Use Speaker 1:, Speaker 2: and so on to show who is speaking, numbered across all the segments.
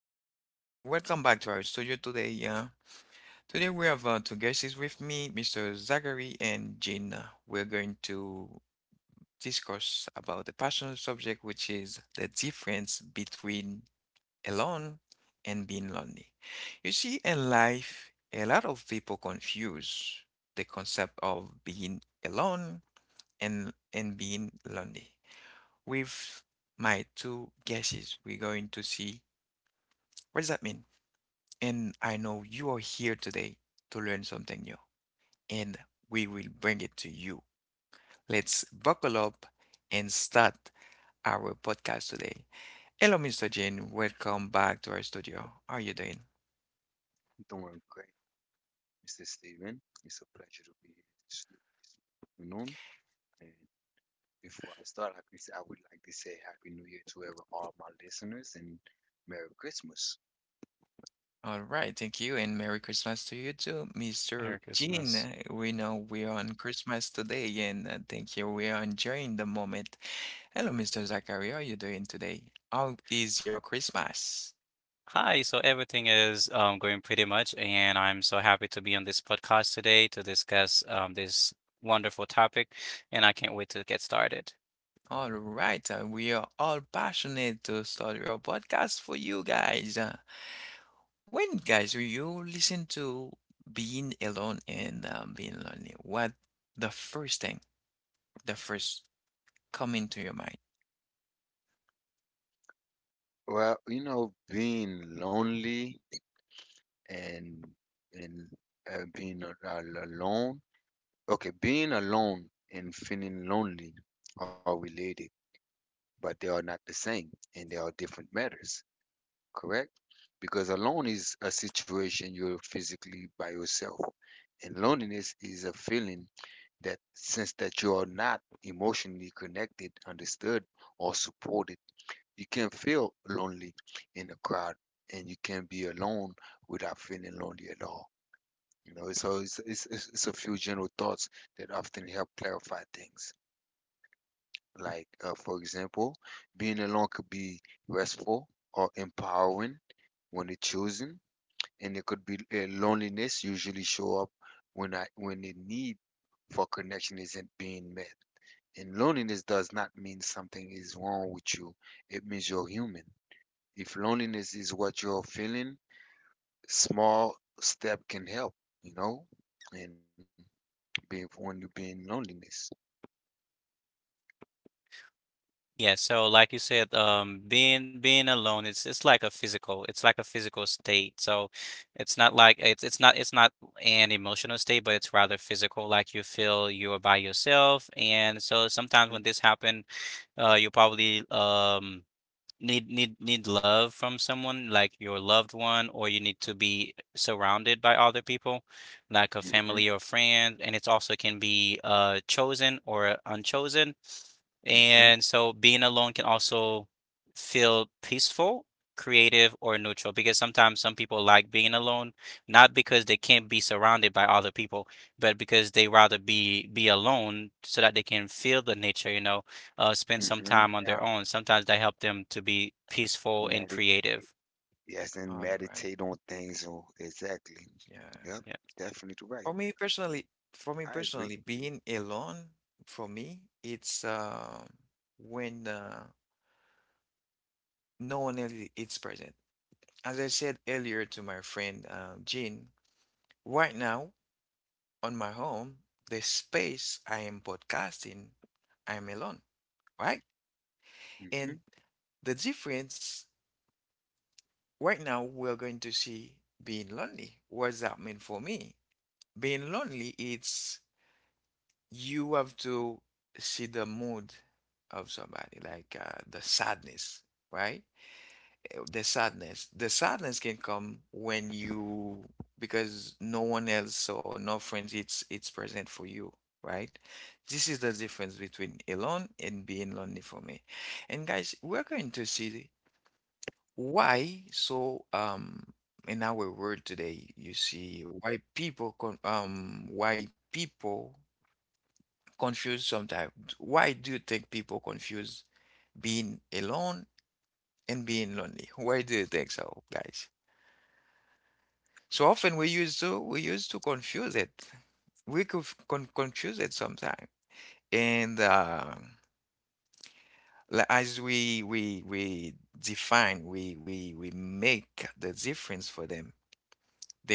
Speaker 1: right. Welcome back to our studio today. Today we have two guests with me, Mr. Zachary and Gina. We're going to discuss about the passionate subject, which is the difference between alone and being lonely. You see, in life, a lot of people confuse the concept of being alone and being lonely. With my two guesses, we're going to see what does that mean. And I know you are here today to learn something new, and we will bring it to you. Let's buckle up and start our podcast today. Hello, Mr. Jane. Welcome back to our studio. How are you doing?
Speaker 2: Doing great, Mr. Steven. It's a pleasure to be here this afternoon. And before I start, like we said, I would like to say Happy New Year to all my listeners and Merry Christmas.
Speaker 1: All right, thank you, and Merry Christmas to you too,
Speaker 3: Merry
Speaker 1: Mr.
Speaker 3: Christmas.
Speaker 1: Jean. We know we are on Christmas today, and thank you. We are enjoying the moment. Hello, Mr. Zachary. How are you doing today? How is your Christmas?
Speaker 3: Hi, so everything is going pretty much, and I'm so happy to be on this podcast today to discuss this wonderful topic, and I can't wait to get started.
Speaker 1: All right, we are all passionate to start your podcast for you guys. When guys you listen to being alone and being lonely, what the first thing, the first come into your mind?
Speaker 2: Being lonely and and being alone. Okay, being alone and feeling lonely are related, but they are not the same, and they are different matters. Correct? Because alone is a situation you're physically by yourself. And loneliness is a feeling that since that you are not emotionally connected, understood, or supported, you can feel lonely in a crowd and you can be alone without feeling lonely at all. You know, so it's a few general thoughts that often help clarify things. Like, for example, being alone could be restful or empowering when it's chosen and it could be loneliness usually show up when the need for connection isn't being met. And loneliness does not mean something is wrong with you. It means you're human. If loneliness is what you're feeling, small step can help, you know, and being when you're being loneliness.
Speaker 3: Yeah, so like you said, being alone, it's like a physical, it's like a physical state. So it's not like it's not an emotional state, but it's rather physical. Like you feel you are by yourself, and so sometimes when this happen, you'll probably need love from someone like your loved one, or you need to be surrounded by other people, like a
Speaker 2: Mm-hmm,
Speaker 3: family or friend, and it also can be chosen or unchosen.
Speaker 2: mm-hmm,
Speaker 3: And so being alone can also feel peaceful, creative, or neutral because sometimes some people like being alone, not because they can't be surrounded by other people, but because they rather be alone so that they can feel the nature, spend some
Speaker 2: mm-hmm.
Speaker 3: time on their
Speaker 1: Yeah.
Speaker 3: own. Sometimes that helps them to be peaceful and
Speaker 2: Medit-
Speaker 3: creative.
Speaker 2: yes, and
Speaker 1: All right.
Speaker 2: meditate on things. Oh, exactly.
Speaker 1: Yeah.
Speaker 2: Yep,
Speaker 3: Yeah.
Speaker 2: definitely right.
Speaker 1: For me personally, for me
Speaker 2: I agree.
Speaker 1: personally, being alone for me, it's when no one else is present. As I said earlier to my friend Jean, right now, on my home, the space I am podcasting, I'm alone, right?
Speaker 2: Mm-hmm.
Speaker 1: And the difference right now we're going to see being lonely. What does that mean for me? Being lonely, it's you have to see the mood of somebody, like the sadness, right? The sadness. The sadness can come when you, because no one else or no friends, it's present for you, right? This is the difference between alone and being lonely for me. And guys, we're going to see why so in our world today, you see why people con why people confuse sometimes. Why do you think people confuse being alone and being lonely? Why do you think so, guys? So often we used to confuse it. We could confuse it sometimes. And as we define, we make the difference for them.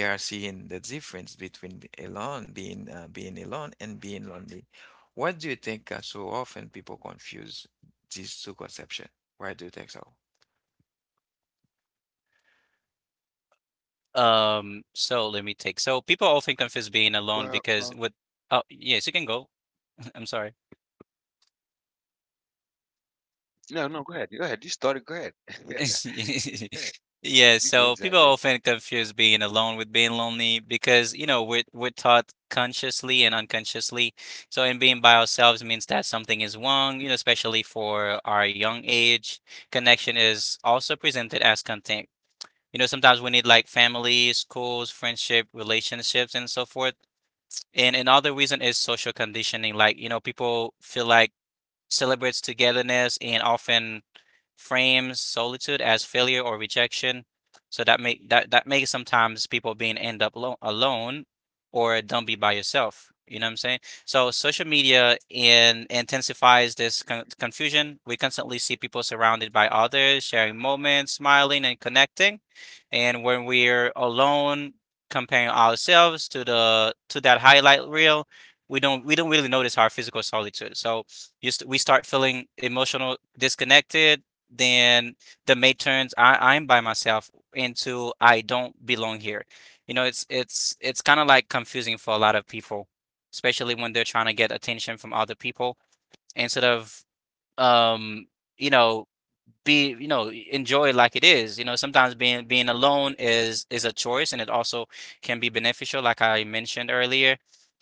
Speaker 1: They are seeing the difference between be- alone, being being alone, and being lonely. What do you think? So often people confuse these two conceptions. Why do you think so?
Speaker 3: So let me take.
Speaker 2: Well,
Speaker 3: So
Speaker 2: uh,
Speaker 3: people often confuse being alone because with, oh, yes, you can go. I'm sorry.
Speaker 2: no, no, go ahead. Go ahead. You started. Go ahead. Go ahead. You good, Zachary?
Speaker 3: Yeah, so people often confuse being alone with being lonely because, you know, we're taught consciously and unconsciously. So, and being by ourselves means that something is wrong, you know, especially for our young age. Connection is also presented as content. You know, sometimes we need like family, schools, friendship, relationships, and so forth. And another reason is social conditioning. Like, you know, people feel like celebrates togetherness and often frames solitude as failure or rejection. So that makes sometimes people being end up alone or don't be by yourself. You know what I'm saying? So social media in intensifies this confusion. We constantly see people surrounded by others, sharing moments, smiling, and connecting. And when we're alone, comparing ourselves to the to that highlight reel, we don't really notice our physical solitude. So we start feeling emotional disconnected then the mate turns I, I'm by myself into I don't belong here. You know, it's kind of like confusing for a lot of people, especially when they're trying to get attention from other people instead of um you know be enjoy it like it is. You know, sometimes being alone is a choice and it also can be beneficial, like I mentioned earlier.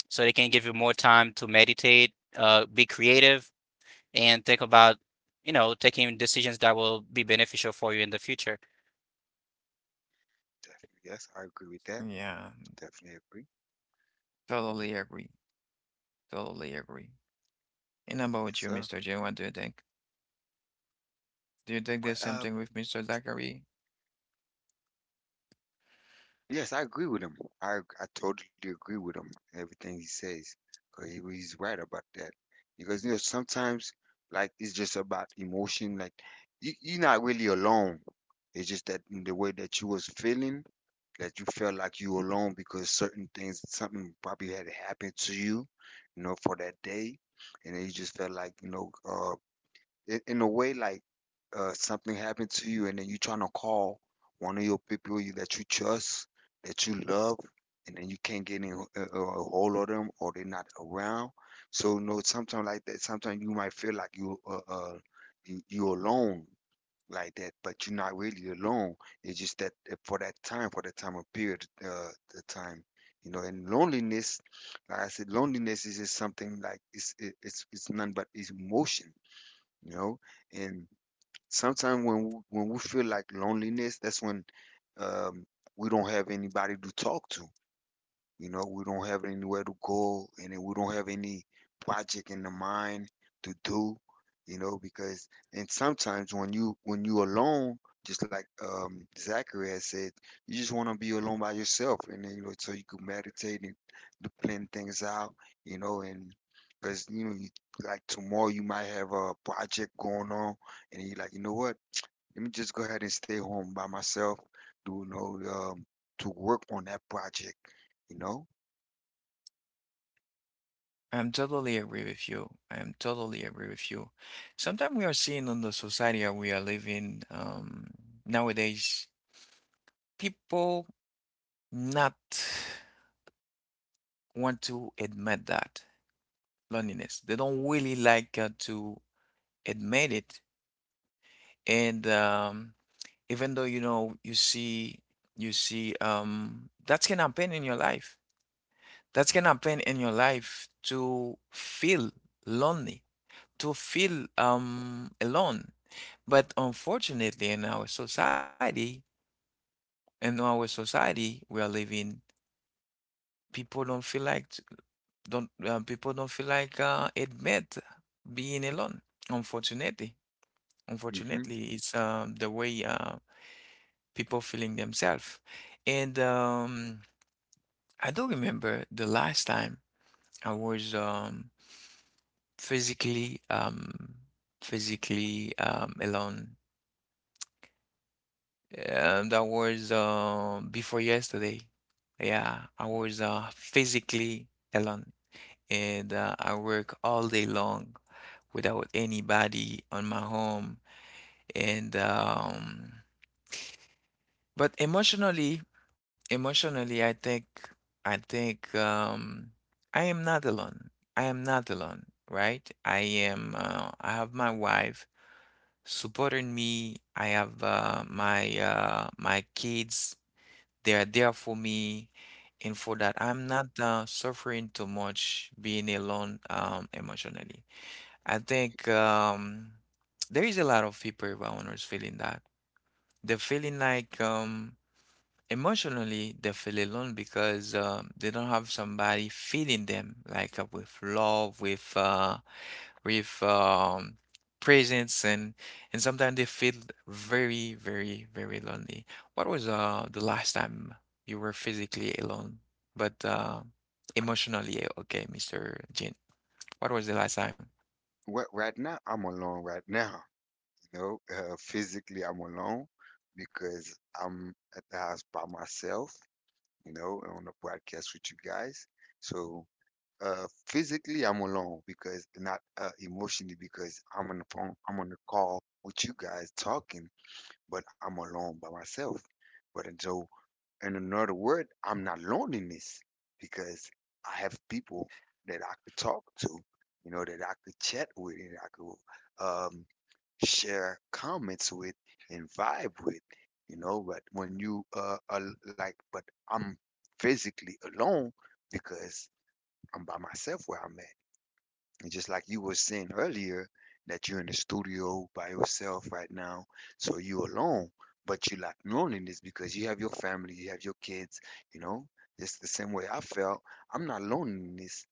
Speaker 3: So they can give you more time to meditate, be creative and think about, you know, taking decisions that will be beneficial for you in the future.
Speaker 2: Definitely. Yes, I agree with that.
Speaker 1: Yeah,
Speaker 2: Definitely agree.
Speaker 1: totally agree. Totally agree. And about
Speaker 2: Yes,
Speaker 1: you,
Speaker 2: sir.
Speaker 1: Mr. J, what do you think? Do you think the
Speaker 2: Well,
Speaker 1: same thing
Speaker 2: uh,
Speaker 1: with Mr. Zachary?
Speaker 2: yes, I agree with him. I totally agree with him. Everything he says, 'cause he's right about that. Because you know sometimes like it's just about emotion. Like you're not really alone. It's just that in the way that you was feeling, that you felt like you were alone because certain things, something probably had happened to you, you know, for that day, and then you just felt like you know, in a way like something happened to you and then you trying to call one of your people that you trust that you love and then you can't get in a hold of them or they're not around, so no sometimes like that sometimes you might feel like you're alone like that but you're not really alone. It's just that for that time of period the time, you know, and loneliness, like I said, loneliness is just something like it's none, but it's emotion, you know. And sometimes when when we feel like loneliness, that's when um we don't have anybody to talk to, you know, we don't have anywhere to go, and then we don't have any project in the mind to do. You know, because and sometimes when you alone, just like Zachary has said, you just want to be alone by yourself, and then you know, so you can meditate and to plan things out. You know, and because you know, like tomorrow you might have a project going on, and you're like, you know what? Let me just go ahead and stay home by myself. Do you know to work on that project, you know.
Speaker 1: I'm totally agree with you. I am totally agree with you. Sometimes we are seeing on the society that we are living nowadays, people not want to admit that loneliness. They don't really like to admit it. And even though you know you see that can happen in your life. That can happen in your life to feel lonely to feel alone. But unfortunately, in our society we are living, people don't feel like t- don't people don't feel like admit being alone. Unfortunately,
Speaker 2: Hmm.
Speaker 1: unfortunately, it's the way people feeling themselves. And I do remember the last time I was physically physically alone. That was before yesterday. Yeah, I was physically alone and I work all day long without anybody on my home and but emotionally emotionally I think I think I am not alone. I am not alone, right? I am I have my wife supporting me. I have my kids. They are there for me, and for that, I'm not suffering too much being alone emotionally. I think there is a lot of people around us feeling that. They're feeling like emotionally they feel alone because they don't have somebody feeling them like with love, with with um, presence and sometimes they feel very, very, very lonely. What was the last time you were physically alone, but emotionally okay, Mr. Jin? What was the last time?
Speaker 2: Well, right now I'm alone. Right now, you know, physically I'm alone because I'm at the house by myself. You know, on the podcast with you guys. So physically I'm alone because not emotionally because I'm on the phone. I'm on the call with you guys talking, but I'm alone by myself. But and so in another word, I'm not loneliness because I have people that I could talk to, you know, that I could chat with and I could share comments with and vibe with, you know. But when you are like, but I'm physically alone because I'm by myself where I'm at. And just like you were saying earlier, that you're in the studio by yourself right now, so you alone, but you lack loneliness because you have your family, you have your kids, you know. It's the same way I felt. I'm not loneliness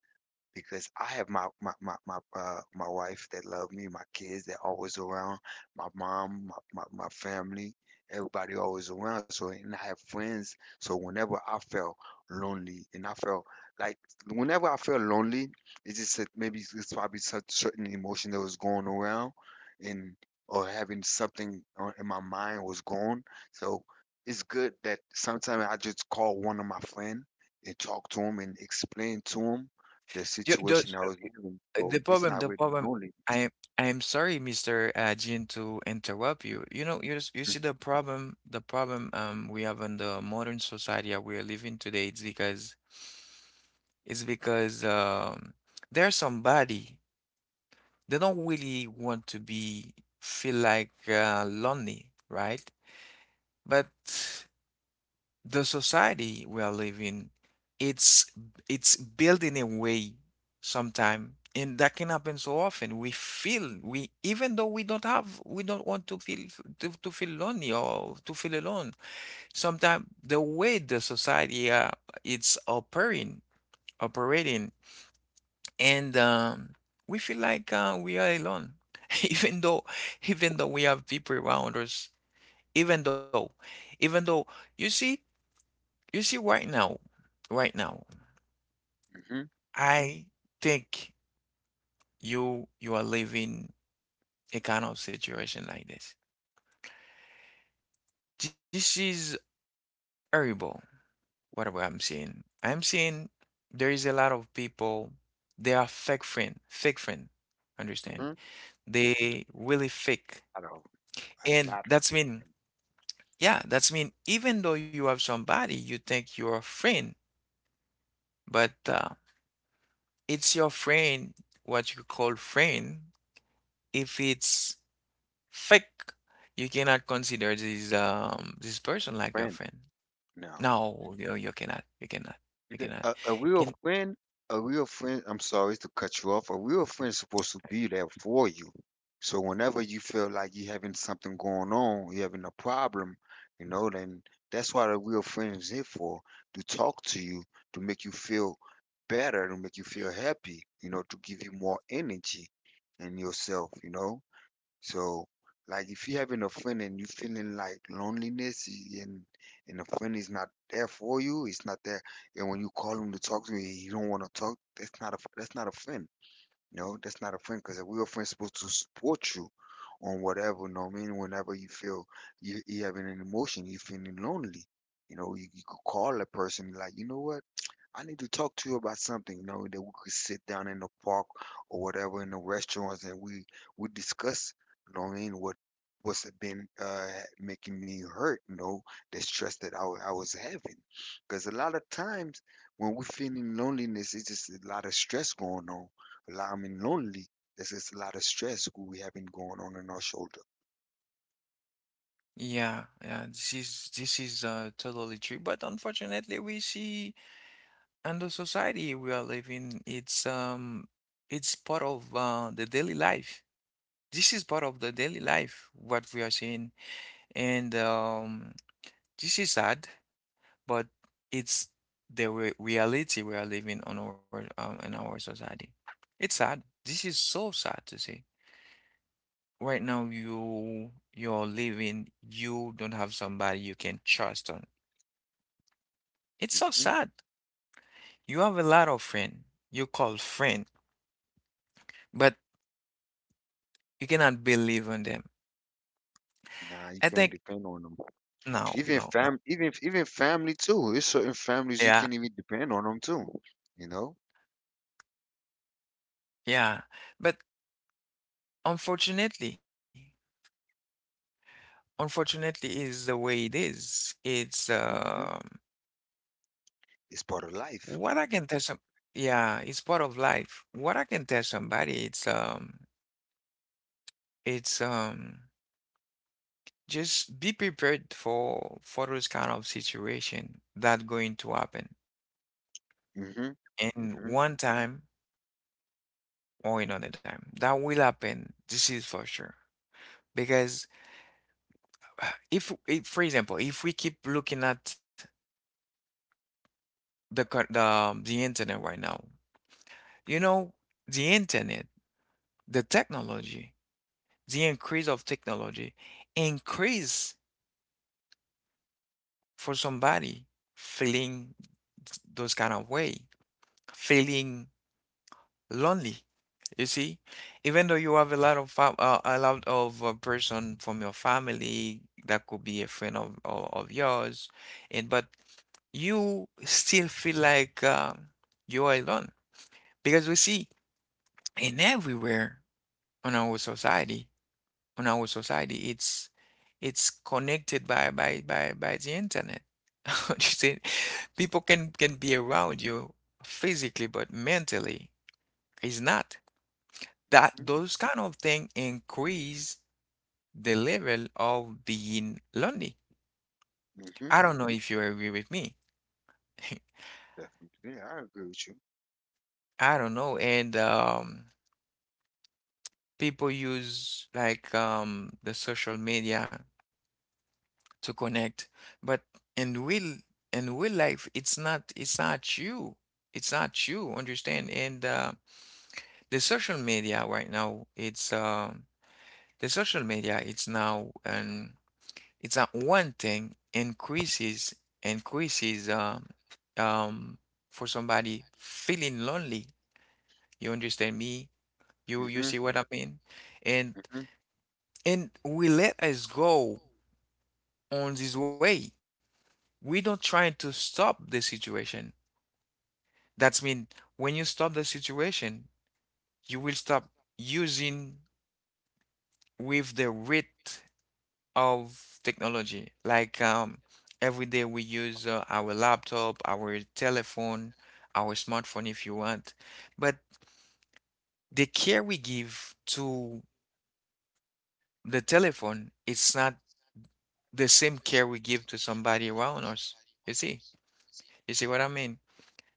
Speaker 2: because I have my wife that love me, my kids that always around, my mom, my family, everybody always around. So and I have friends. So whenever I felt lonely, and I felt like whenever I felt lonely, it's just that maybe it's probably certain emotion that was going around, and or having something in my mind was gone. So it's good that sometimes I just call one of my friend and talk to him and explain to him the
Speaker 1: Ju- ju-
Speaker 2: situation I was in, so it's not
Speaker 1: The
Speaker 2: really
Speaker 1: problem,
Speaker 2: loneliness.
Speaker 1: I I'm sorry, Mr. Jean, to interrupt you. You know, you see the problem we have in the modern society that we are living today. It's because there's somebody they don't really want to be feel like lonely, right? But the society we are living, it's it's building a way sometime, and that can happen so often. We feel we even though we don't want to feel to feel lonely or to feel alone. Sometimes the way the society it's operating and we feel like we are alone, even though we have people around us, even though even though you see right now, right now,
Speaker 2: Mm-hmm,
Speaker 1: I think you you are living a kind of situation like this. This is horrible, whatever I'm seeing. I'm seeing there is a lot of people, they are fake friend, understand?
Speaker 2: hmm.
Speaker 1: They really fake.
Speaker 2: I know a
Speaker 1: And
Speaker 2: lot of
Speaker 1: that's mean,
Speaker 2: freaking
Speaker 1: yeah, that's mean even though you have somebody, you think you're a friend, but it's your friend, what you call friend, if it's fake. You cannot consider this person like your
Speaker 2: friends
Speaker 1: friend.
Speaker 2: now.
Speaker 1: No, you cannot. You cannot. You cannot.
Speaker 2: A real
Speaker 1: And
Speaker 2: friend, a real friend. I'm sorry to cut you off. A real friend is supposed to be there for you. So whenever you feel like you're having something going on, you're having a problem, you know, then that's what a real friend is here for, to talk to you, to make you feel better, to make you feel happy, you know, to give you more energy in yourself, you know. So, like if you having a friend and you feeling like loneliness and the friend is not there for you, it's not there. And when you call him to talk to you, he don't want to talk. That's not a friend. No, that's not a friend because a real friend's supposed to support you on whatever. You know what I mean? Whenever you feel you having an emotion, you feeling lonely. You know, you could call a person like, you know what? I need to talk to you about something, you know, that we could sit down in the park or whatever in the restaurants and we discuss, you know what I mean, what's been making me hurt, you know, the stress that I was having. Because a lot of times when we're feeling loneliness, it's just a lot of stress going on. A lot, I mean, lonely, there's just a lot of stress we having going on in our shoulder.
Speaker 1: yeah, yeah, this is totally true. But unfortunately, we see and the society we are living, it's part of the daily life. This is part of the daily life what we are seeing, and this is sad. But it's the re reality we are living on our in our society. It's sad. This is so sad to see. Right now, you you're living. You don't have somebody you can trust on. It's so
Speaker 2: Hmm.
Speaker 1: sad. You have a lot of friend. You call friend, but you cannot believe in them.
Speaker 2: Nah,
Speaker 1: I
Speaker 2: you
Speaker 1: think
Speaker 2: can't depend on them.
Speaker 1: no,
Speaker 2: even
Speaker 1: no, no.
Speaker 2: fam even even family too, there's certain families you
Speaker 1: Yeah,
Speaker 2: can even depend on them too, you know.
Speaker 1: yeah. But unfortunately, unfortunately, is the way it is. It's.
Speaker 2: Hmm. It's part of
Speaker 1: What
Speaker 2: life.
Speaker 1: I can tell yeah, it's part of life. What I can tell somebody, it's just be prepared for those kind of situation that going to happen,
Speaker 2: Hmm. Hmm.
Speaker 1: and one time or another time that will happen. This is for sure because if for example, if we keep looking at the cur- the internet right now, you know, the internet, the technology, the increase of technology increase for somebody feeling those kind of way, feeling lonely. You see, even though you have a lot of fam a lot of person from your family that could be a friend of of yours, and but you still feel like you are alone because we see in everywhere on our society. On our society, it's connected by the internet. You see, people can be around you physically, but mentally is not. That
Speaker 2: Hmm.
Speaker 1: Those kind of things increase the level of being lonely.
Speaker 2: Hmm.
Speaker 1: I don't know if you agree with me.
Speaker 2: Definitely. Yeah, I agree with you.
Speaker 1: I don't know. And people use like the social media to connect. But in real in real life, it's not you. It's not you. Understand? And the social media right now, it's the social media. It's now and it's not one thing increases um for somebody feeling lonely. You understand me? You see
Speaker 2: Hmm.
Speaker 1: what I mean? And
Speaker 2: Hmm.
Speaker 1: we let us go on this way. We don't try to stop the situation. That means when you stop the situation, you will stop using with the rate of technology. Like every day we use our laptop, our telephone, our smartphone if you want. But the care we give to the telephone, it's not the same care we give to somebody around us. You see? You see what I mean?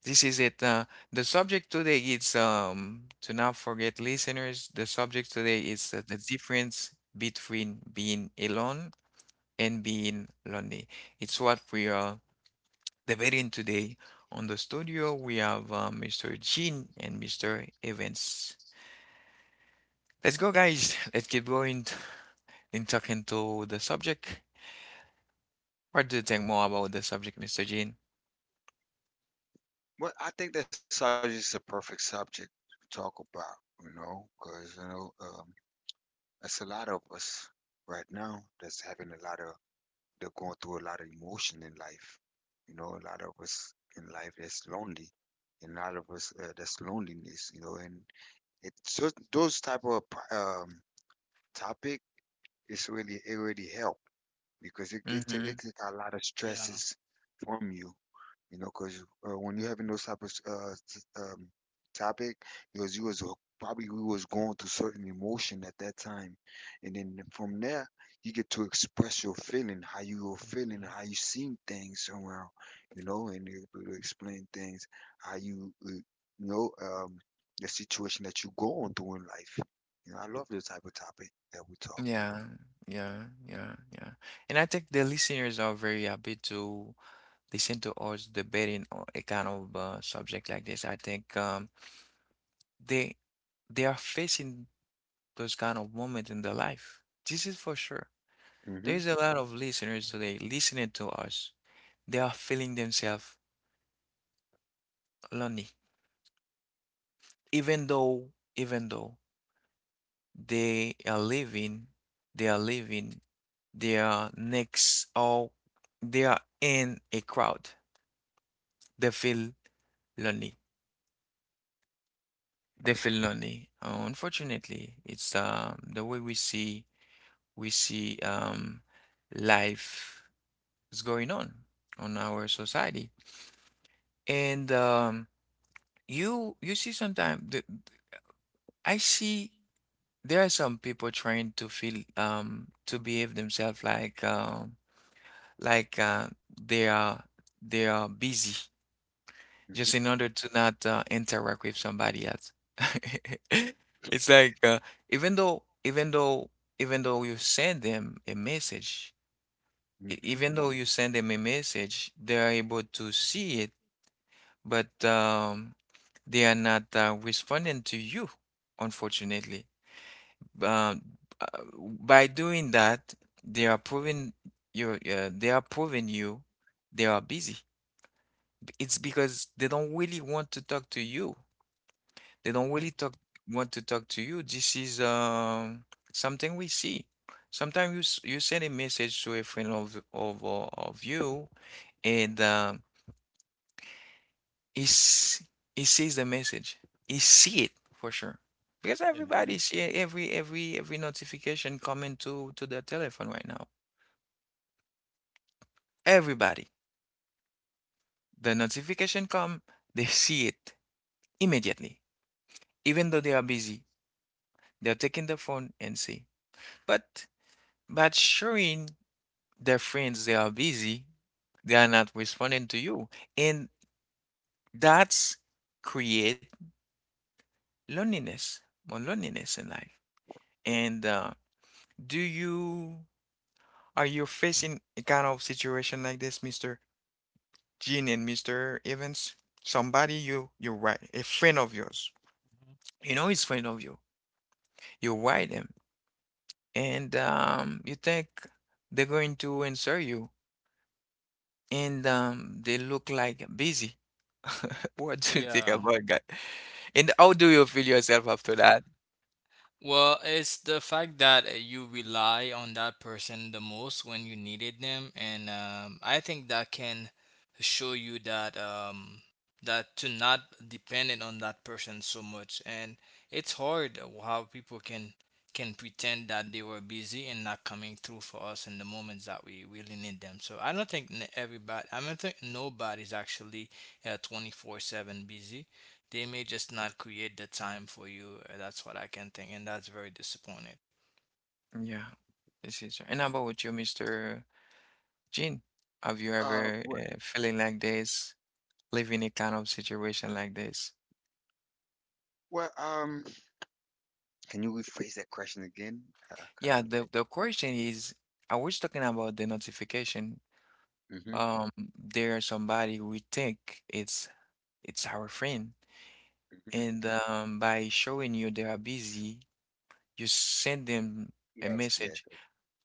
Speaker 1: This is it. The subject today is to not forget listeners. The subject today is the difference between being alone and being lonely. It's what we are debating today. On the studio, we have Mr. Jean and Mr. Evans. Let's go, guys. Let's get going in talking to the subject. What do you think more about the subject, Mr. Jean?
Speaker 2: Well, I think that subject is a perfect subject to talk about, you know, because you know it's a lot of us right now that's having a lot of, they're going through a lot of emotion in life, you know, a lot of us in life that's lonely, and a lot of us that's loneliness, you know. And it just those type of um, topic. It's really, it really help because it take a lot of
Speaker 4: Yeah.
Speaker 2: stresses from you, you know, because when you're having those type of topic, because you was probably we was going through certain emotion at that time, and then from there you get to express your feeling, how you were
Speaker 4: Mhm,
Speaker 2: feeling,
Speaker 4: mhm,
Speaker 2: how you seen things around, you know, and you're able to explain things, how you know, the situation that you going through in life. You know, I love this type of topic that we talk.
Speaker 1: Yeah, yeah, yeah, yeah. And I think the listeners are very happy to listen to us debating on a kind of subject like this. I think they they are facing those kind of moments in their life. This is for sure.
Speaker 2: Mhm.
Speaker 1: There is a lot of listeners
Speaker 4: mhm.
Speaker 1: today listening to us. They are feeling themselves lonely, even though even though they are living, they are living, they are next or they are in a crowd. They feel lonely. They feel lonely. Unfortunately, it's the way we see life is going on our society, and you see sometimes I see there are some people trying to feel to behave themselves like like they are they are busy just
Speaker 2: Mhm.
Speaker 1: in order to not interact with somebody else. It's like even though even though even though you send them a message, e-
Speaker 2: Mhm.
Speaker 1: even though you send them a message, they are able to see it, but they are not responding to you, unfortunately. Um, uh, by doing that, they are proving they are proving you they are busy. It's because they don't really want to talk to you. They don't really talk want to talk to you. This is something we see. Sometimes you send a message to a friend of you, and he s- he sees the message. He see it for sure because
Speaker 4: Yes.
Speaker 1: everybody
Speaker 2: Mhm.
Speaker 1: see every notification coming to their telephone right now. Everybody, the notification come, they see it immediately, even though they are busy. They're taking the phone and see. But but showing their friends, they are busy, they are not responding to you. And that's create loneliness, more loneliness in life. And uh, do you, are you facing a kind of situation like this, Mr. Jean and Mr. Evans? Somebody you write, a friend of yours,
Speaker 4: Mhm.
Speaker 1: you know it's friend of you, you write them, and you think they're going to answer you and they look like busy. What do you think
Speaker 4: Yeah.
Speaker 1: about that? And how do you feel yourself after that?
Speaker 4: Well, it's the fact that you rely on that person the most when you needed them, and I think that can show you that to not dependent on that person so much. And it's hard how people can pretend that they were busy and not coming through for us in the moments that we really need them. So I don't think everybody, I don't think nobody's actually 24/7 busy. They may just not create the time for you. That's what I can think, and that's very disappointing.
Speaker 1: Yeah, this is. And how about you, Mr. Jean? Have you
Speaker 2: Uh,
Speaker 1: ever
Speaker 2: wh-
Speaker 1: feeling like this, living a kind of situation like this?
Speaker 2: well, um. Can you rephrase that question again? Kind
Speaker 1: Yeah,
Speaker 2: of
Speaker 1: the
Speaker 2: like,
Speaker 1: the question is, I was talking about the notification. Um, there are somebody we think it's our friend,
Speaker 2: mm-hmm, mm-hmm,
Speaker 1: and by showing you they are busy, you send them a
Speaker 2: yes, yes,
Speaker 1: message.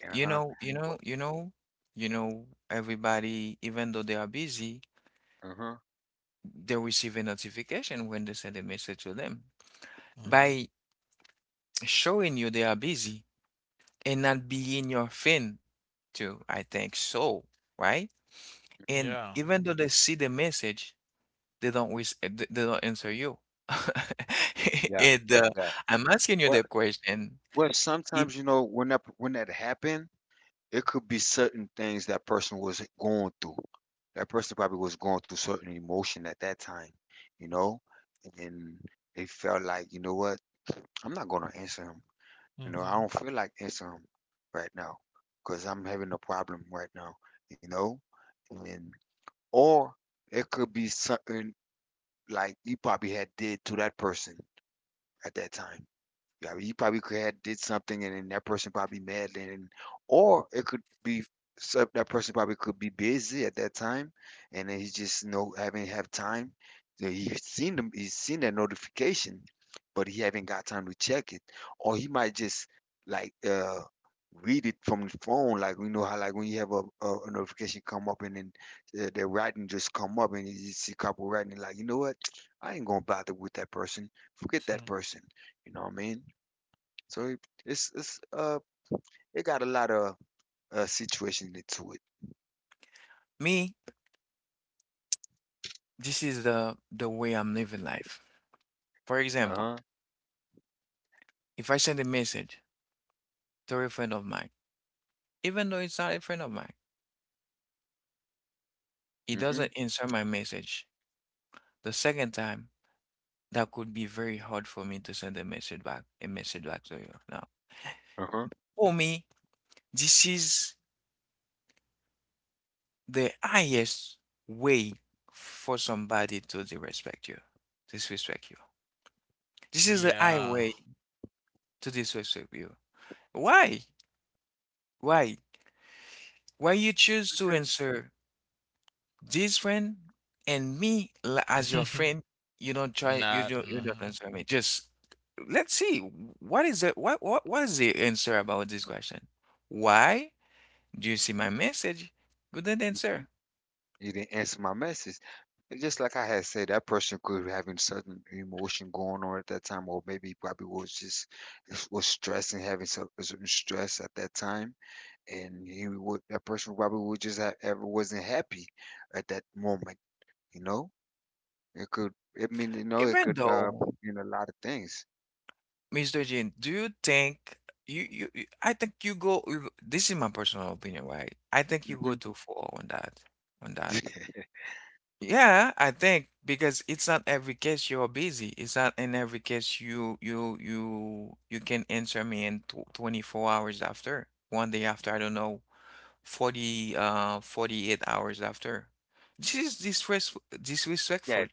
Speaker 2: uh
Speaker 1: You
Speaker 2: huh,
Speaker 1: know, you know,
Speaker 2: what,
Speaker 1: you know, you know, everybody, even though they are busy,
Speaker 2: uh huh,
Speaker 1: they receive a notification when they send a message to them.
Speaker 2: mm-hmm,
Speaker 4: Mhm.
Speaker 1: By showing you they are busy and not being your friend too, I think so, right?
Speaker 2: hmm,
Speaker 1: And
Speaker 4: Yeah.
Speaker 1: even though they see the message, they don't answer you.
Speaker 2: yeah,
Speaker 1: And
Speaker 2: yeah.
Speaker 1: I'm asking you
Speaker 2: Well,
Speaker 1: the question,
Speaker 2: well,
Speaker 1: if
Speaker 2: sometimes you know when that happened, it could be certain things that person was going through. That person probably was going through certain emotion at that time, you know, and they felt like, you know what, I'm not gonna answer him. You know, I
Speaker 4: Hmm.
Speaker 2: don't feel like answering him right now because I'm having a problem right now, you know. And or it could be something like you probably had did to that person at that time. Yeah, you probably could have did something and then that person probably mad, and then or it could be so that person probably could be busy at that time, and then he's just no haven't have time. So he's seen that notification, but he haven't got time to check it. Or he might just like read it from the phone like we know how, like when you have a notification come up, and then the writing just come up, and you see a couple writing like, you know what, I ain't gonna bother with that person, forget that person, you know what I mean? So it's it got a lot of situation into it.
Speaker 1: me this is the way I'm living life. For example,
Speaker 2: Uh-huh.
Speaker 1: if I send a message to a friend of mine, even though it's not a friend of mine, he
Speaker 2: Mm-hmm.
Speaker 1: doesn't answer my message. The second time, that could be very hard for me to send a message back to you. Now,
Speaker 2: Uh-huh.
Speaker 1: for me, this is the highest way for somebody to disrespect you, disrespect you. This is the high
Speaker 4: Yeah.
Speaker 1: way to disrespect you. Why? Why? Why you choose to
Speaker 2: Okay.
Speaker 1: answer this friend as your friend, you don't try,
Speaker 4: Not.
Speaker 1: you don't answer me. Just let's see what is the what is the answer about this question? Why do you see my message? Couldn't
Speaker 2: Mm-hmm.
Speaker 1: answer.
Speaker 2: You didn't answer my message. And just like I had said, that person could be having certain emotion going on at that time, or maybe he probably was just was stressing, having some certain stress at that time, and he would that person probably would just have ever wasn't happy at that moment. You know, it could. I mean, it
Speaker 1: Even
Speaker 2: could
Speaker 1: though,
Speaker 2: mean a lot of things.
Speaker 1: Mr. Jin, do you think I think this is my personal opinion, right? I think you go
Speaker 2: Hmm.
Speaker 1: too far on that on that. Yeah, I think because it's not every case you're busy. It's not in every case you can answer me in tw 24 hours after, one day after, I don't know, 40 uh 48 hours after. This is
Speaker 2: Yeah,
Speaker 1: disrespectful.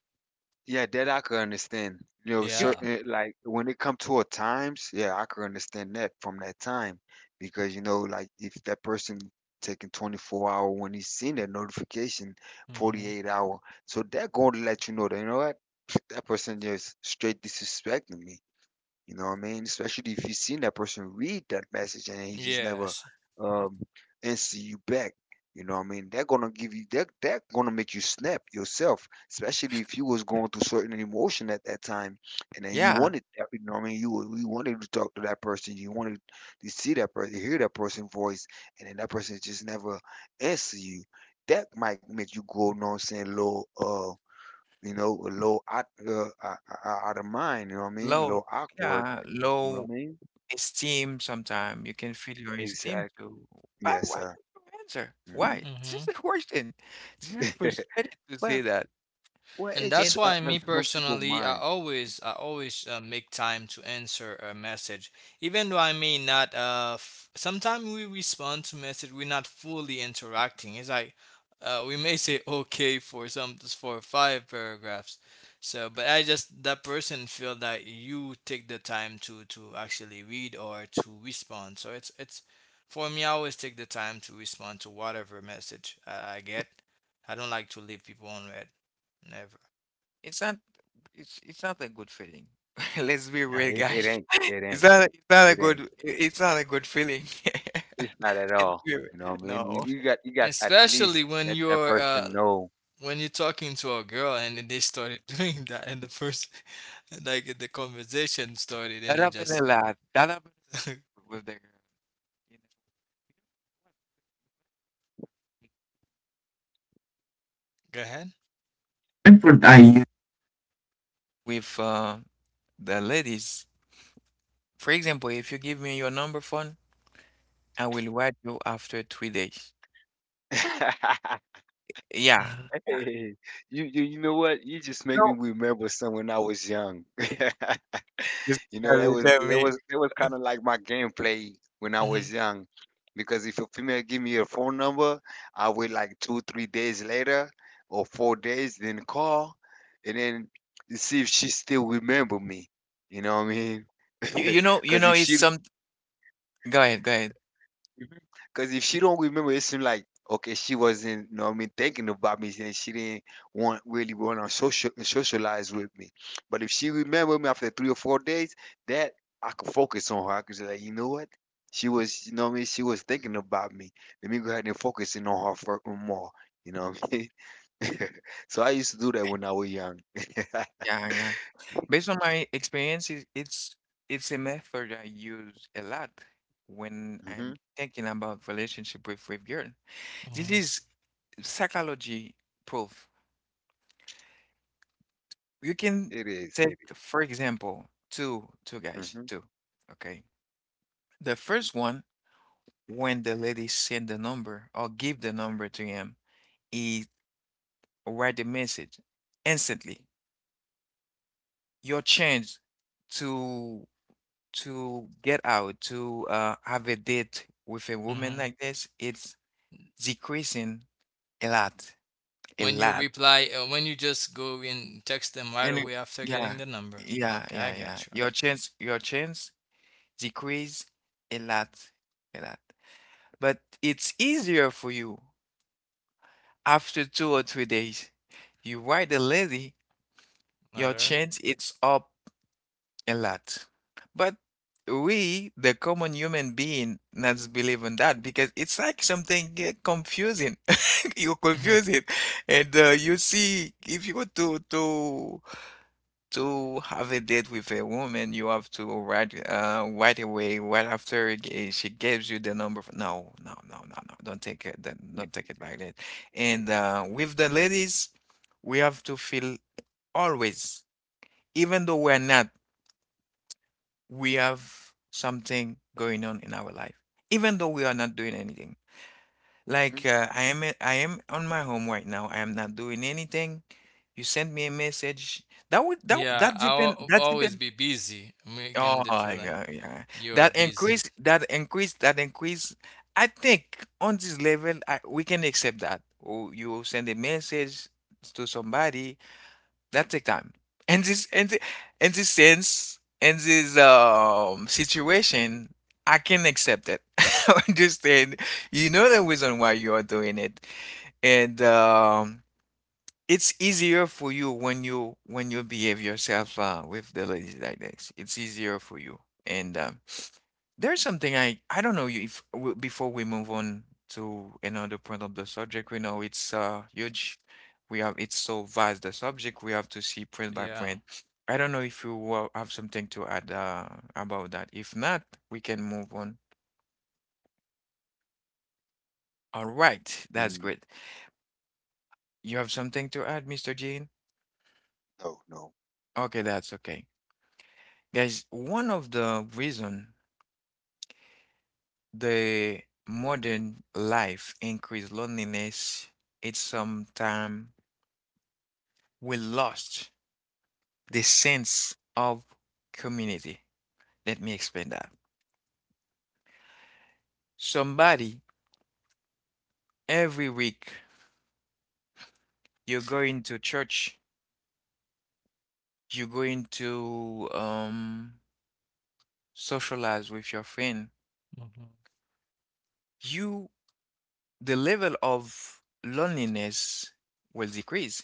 Speaker 2: yeah, that I could understand. You know,
Speaker 1: You
Speaker 4: Yeah.
Speaker 1: can,
Speaker 2: certain like when it come to a times, yeah, I could understand that from that time because you know, like if that person taking 24-hour when he's seen that notification,
Speaker 4: Hmm.
Speaker 2: 48 hour, so that going to let you know that you know what, that person just straight disrespecting me. You know what I mean? Especially if you seen that person read that message and he just never
Speaker 4: Yes.
Speaker 2: um answer you back. You know what I mean? They're gonna give you that, are gonna make you snap yourself, especially if you was going through certain emotion at that time and then you
Speaker 1: yeah,
Speaker 2: wanted that, you know what I mean? You wanted to talk to that person, you wanted to see that person, hear that person's voice, and then that person just never answer you. That might make you go, you know what I'm saying, low low out, out of mind, you know what I mean?
Speaker 1: low
Speaker 2: Low awkward.
Speaker 1: yeah, low
Speaker 2: Romaine?
Speaker 1: esteem sometime. You can feel your esteem
Speaker 2: Exactly.
Speaker 1: too.
Speaker 2: Yes,
Speaker 1: Why
Speaker 2: sir.
Speaker 1: don't you answer?
Speaker 2: Hmm.
Speaker 1: Why? This is
Speaker 4: Hmm.
Speaker 1: the worst thing. This is frustrating to say
Speaker 2: well,
Speaker 1: that.
Speaker 2: well,
Speaker 4: And
Speaker 2: it
Speaker 4: that's
Speaker 2: just
Speaker 4: why me
Speaker 2: some people
Speaker 4: personally, i
Speaker 2: mind.
Speaker 4: always i always make time to answer a message, even though I may not sometimes we respond to message we're not fully interacting. It's like we may say okay for some, for five paragraphs. So but I just, that person feel that you take the time to actually read or to respond. So it's, for me, I always take the time to respond to whatever message I get. I don't like to leave people on read, never.
Speaker 1: It's not it's not a good feeling. Let's be
Speaker 2: Nah,
Speaker 1: real,
Speaker 2: it,
Speaker 4: Mhm.
Speaker 2: it
Speaker 1: guys.
Speaker 2: ain't. It ain't.
Speaker 1: It's not a
Speaker 2: It ain't.
Speaker 1: it's not a good feeling.
Speaker 2: It's not at
Speaker 1: Let's
Speaker 2: all.
Speaker 1: be real.
Speaker 2: You know what I mean? You,
Speaker 1: No.
Speaker 2: you got you got at least
Speaker 4: Especially when
Speaker 2: let that
Speaker 4: you're uh
Speaker 2: person know.
Speaker 4: when you're talking to a girl and then they started doing that in the first, like the conversation started and
Speaker 1: That
Speaker 4: they
Speaker 1: happened a
Speaker 4: just
Speaker 1: lot. That happened a lot with the girl. You know,
Speaker 4: go ahead.
Speaker 1: what I use with the ladies. For example, if you give me your number phone, I will write you after 3 days. Yeah.
Speaker 4: Hmm.
Speaker 1: Yeah.
Speaker 2: Hey, you know what? You just make me
Speaker 1: No,
Speaker 2: remember some when I was young.
Speaker 1: just
Speaker 2: You
Speaker 1: this
Speaker 2: know, that was
Speaker 1: guy tell
Speaker 2: that
Speaker 1: me.
Speaker 2: was that was kind of like my gameplay when I was
Speaker 4: Hmm.
Speaker 2: young, because if a female give me her phone number, I wait like two, 3 days later or 4 days, then call, and then see if she still remember me. You know what I mean?
Speaker 1: You you know you
Speaker 2: Because
Speaker 1: know
Speaker 2: if
Speaker 1: it's
Speaker 2: she
Speaker 1: some go ahead
Speaker 2: because if she don't remember, it seems like okay, she wasn't. You know what I mean, thinking about me, and she didn't want really want to socialize with me. But if she remember me after 3 or 4 days, that I could focus on her. I could say, like, you know what, she was. You know what I mean? She was thinking about me. Let me go ahead and focus in on her for more. You know what I mean? So I used to do that when I was young.
Speaker 1: yeah yeah based on my experience it's a method I use a lot when I'm
Speaker 2: Mhm.
Speaker 1: thinking about relationship with girl. This
Speaker 4: Hmm.
Speaker 1: is psychology proof. You can
Speaker 2: It is.
Speaker 1: take
Speaker 2: It
Speaker 1: for example two
Speaker 2: is.
Speaker 1: guys
Speaker 2: Mm-hmm.
Speaker 1: two. Okay, the first one, when the lady sent the number or give the number to him, he write the message instantly. Your chance to get out to have a date with a woman
Speaker 4: Hmm.
Speaker 1: like this, it's decreasing a lot, a
Speaker 4: When you
Speaker 1: lot.
Speaker 4: reply, when you just go and text them right
Speaker 1: And it-
Speaker 4: away after getting
Speaker 1: yeah,
Speaker 4: the number.
Speaker 1: yeah,
Speaker 4: Okay,
Speaker 1: yeah,
Speaker 4: I
Speaker 1: yeah.
Speaker 4: got you.
Speaker 1: Your chance decrease a lot, a lot. But it's easier for you after 2 or 3 days. You write the lady. Your
Speaker 4: Letter.
Speaker 1: chance it's up a lot. But we, the common human being, not believe in that because it's like something get confusing. You
Speaker 4: Hmm.
Speaker 1: confuse it, and you see, if you go to have a date with a woman, you have to write right away, right after she gives you the number. For, no, no, no, no, no. Don't take it. Don't take it like that. And with the ladies, we have to feel always, even though we're not. We have something going on in our life, even though we are not doing anything. Like I am on my home right now. I am not doing anything. You send me a message. That would that
Speaker 4: Yeah,
Speaker 1: that depend
Speaker 4: I'll
Speaker 1: that
Speaker 4: always
Speaker 1: depend.
Speaker 4: be busy. Making
Speaker 1: Oh
Speaker 4: them feel
Speaker 1: my
Speaker 4: like
Speaker 1: God, yeah.
Speaker 4: you're busy.
Speaker 1: That increase. I think on this level, we can accept that. Oh, you send a message to somebody that take time and this sense and this situation, I can accept it. I understand, you know the reason why you are doing it, and it's easier for you when you when you behave yourself with the ladies like this. It's easier for you, and there's something I don't know if before we move on to another part of the subject, we know it's huge. We have, it's so vast the subject, we have to see print by
Speaker 4: Yeah.
Speaker 1: print. I don't know if you will have something to add about that. If not, we can move on. All right,
Speaker 2: Mm-hmm.
Speaker 1: that's
Speaker 2: Mm.
Speaker 1: great. You have something to add, Mr. Jean?
Speaker 2: No, no.
Speaker 1: Okay, that's okay. Guys, one of the reason the modern life increase loneliness, it's sometime we lost the sense of community. Let me explain that. Somebody every week you're going to church, you're going to socialize with your friend.
Speaker 4: Hmm.
Speaker 1: You, the level of loneliness will decrease.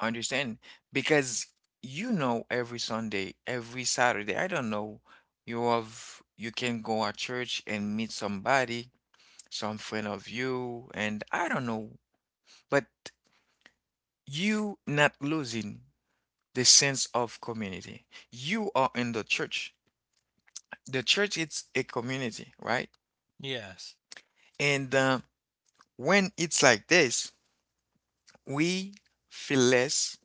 Speaker 1: Understand? Because you know every Sunday, every Saturday, I don't know, you have you can go at church and meet somebody, some friend of you, and I don't know, but you not losing the sense of community. You are in the church. The church is a community, right?
Speaker 4: Yes.
Speaker 1: And when it's like this, we feel less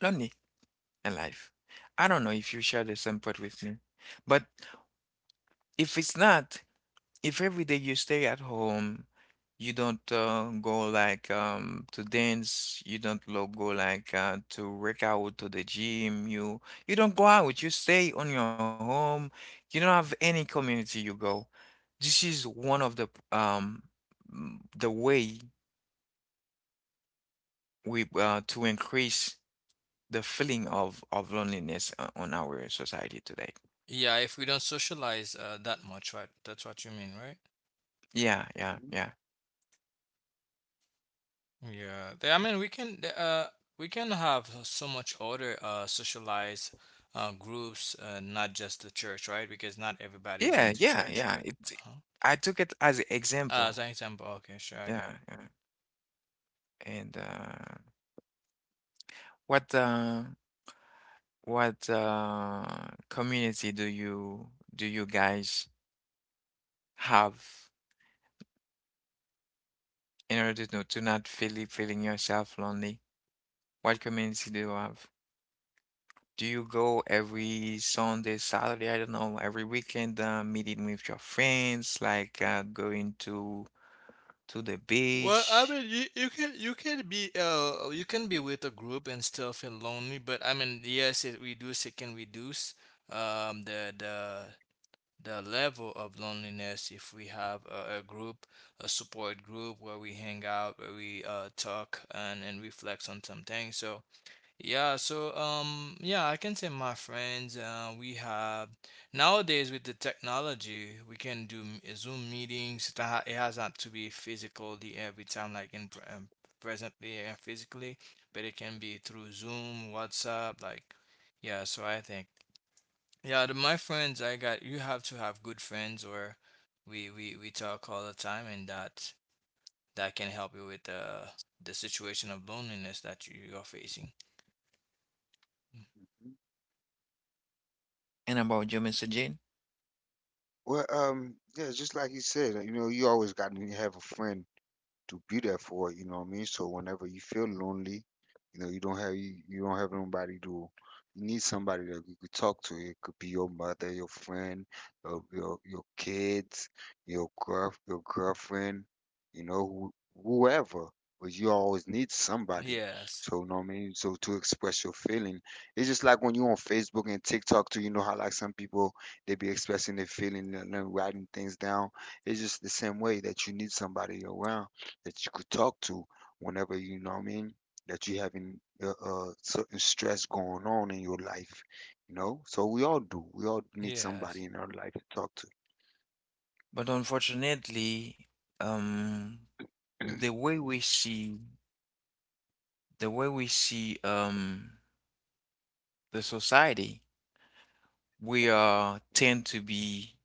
Speaker 1: lonely in life. I don't know if you share the same part with me, but if it's not, if every day you stay at home, you don't go like to dance, you don't go like to work out to the gym, you don't go out, you stay on your home, you don't have any community you go. This is one of the the way we to increase the feeling of loneliness on our society today.
Speaker 4: Yeah, if we don't socialize that much, right? That's what you mean, right?
Speaker 1: Yeah, yeah,
Speaker 2: Mhm.
Speaker 1: yeah.
Speaker 4: Yeah, I mean, we can we can have so much other socialized groups, not just the church, right? Because not everybody's
Speaker 1: Yeah,
Speaker 4: into
Speaker 1: yeah,
Speaker 4: church,
Speaker 1: yeah.
Speaker 4: but
Speaker 1: It
Speaker 4: uh-huh.
Speaker 1: I took it as an example.
Speaker 4: As an example, okay, sure, I
Speaker 1: Yeah,
Speaker 4: got it.
Speaker 1: yeah. And what uh, what community do you guys have in order to not feeling yourself lonely? What community do you have? Do you go every Sunday, Saturday, I don't know, every weekend meeting with your friends, like going to the
Speaker 4: Well, I
Speaker 1: beach?
Speaker 4: mean, you can be with a group and still feel lonely, but I mean, yes, it can reduce um the the the level of loneliness if we have a group, a support group where we hang out, where we talk and reflect on some things. So yeah, so yeah, I can say my friends, we have, nowadays with the technology, we can do Zoom meetings. It has not to be physically every time, like in presently and physically, but it can be through Zoom, WhatsApp, like yeah. So I think. Yeah, my friends, I got, you have to have good friends where we talk all the time, and that can help you with the situation of loneliness that you're facing. Mm.
Speaker 1: And about you, Mr. Jane?
Speaker 2: Well, yeah, just like you said, you know, you always got to have a friend to be there for it, you know what I mean? So whenever you feel lonely, you know, you don't have nobody to, you need somebody that you could talk to. It could be your mother, your friend, your kids, your girl, your girlfriend, you know, whoever. But you always need somebody.
Speaker 4: Yes.
Speaker 2: So you know what I mean? So to express your feeling. It's just like when you on Facebook and TikTok too, you know how like some people they be expressing their feeling and then writing things down. It's just the same way that you need somebody around that you could talk to whenever, you know what I mean, that you having certain stress going on in your life, you know. So we all do. We all need
Speaker 4: Yes.
Speaker 2: somebody in our life to talk to.
Speaker 1: But unfortunately, um, the way we see the way we see the society, we tend to be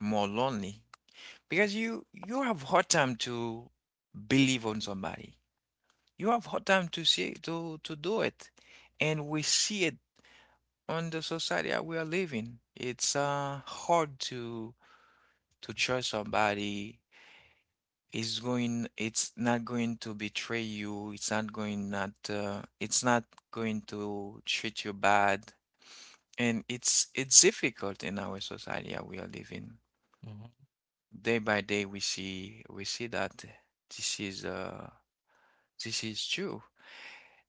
Speaker 1: more lonely because you have hard time to believe on somebody. You have hard time to see to do it, and we see it on the society that we are living. It's hard to trust somebody. It's going. It's not going to betray you. It's not going not. It's not going to treat you bad, and it's difficult in our society that we are living
Speaker 4: Mhm.
Speaker 1: day by day. We see we see that this is uh this is true.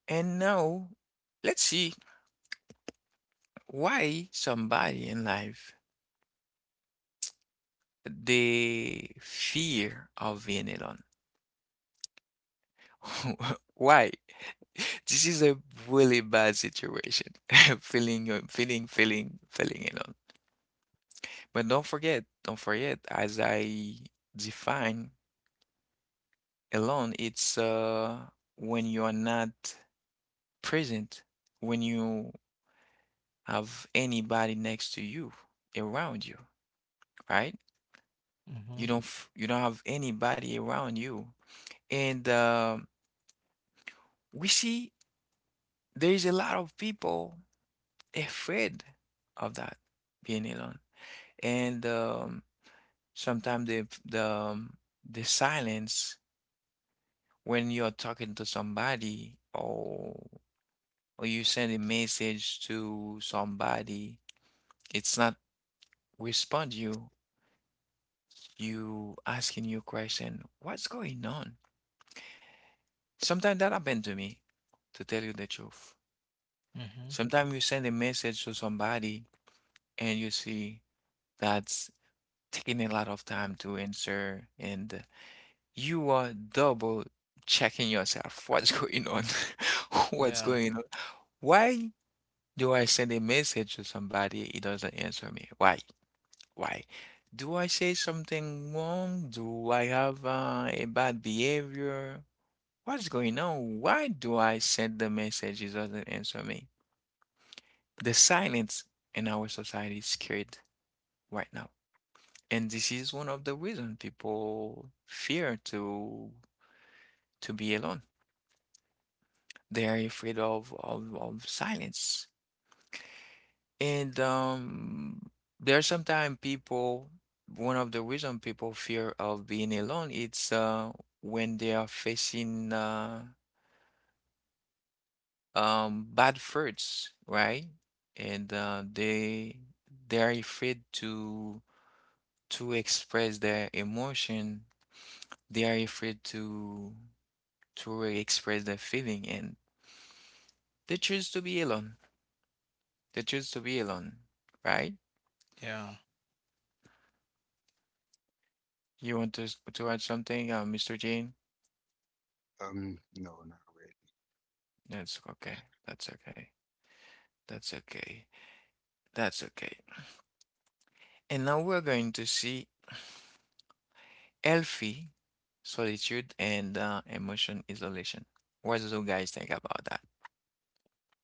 Speaker 1: And now let's see why somebody in life they fear of being alone. Why? This is a really bad situation. Feeling feeling alone. But don't forget, as I define alone, it's when you are not present, when you have anybody next to you, around you, right?
Speaker 4: Mhm.
Speaker 1: You don't have anybody around you. And We see there's a lot of people afraid of that being alone. And Sometimes the the silence when you're talking to somebody or you send a message to somebody, it's not respond you asking your question, what's going on? Sometimes that happened to me, to tell you the truth.
Speaker 4: Mhm.
Speaker 1: Sometimes you send a message to somebody and you see that's taking a lot of time to answer, and you are double checking yourself. What's going on? What's
Speaker 4: Yeah.
Speaker 1: going on? Why do I send a message to somebody? It doesn't answer me. Why? Why? Do I say something wrong? Do I have a bad behavior? What's going on? Why do I send the message? It doesn't answer me. The silence in our society is scared right now. And this is one of the reasons people fear to be alone. They are afraid of silence. And There are sometimes people one of the reason people fear of being alone it's when they are facing bad thoughts, right? And they are afraid to express their emotion. They are afraid to really express their feeling and they choose to be alone. They choose to be alone, right?
Speaker 4: Yeah.
Speaker 1: You want to add something, Mr. Jean?
Speaker 2: No, not
Speaker 1: That's okay. That's okay. That's okay. That's okay. And now we're going to see healthy solitude and emotion isolation. What do you guys think about that?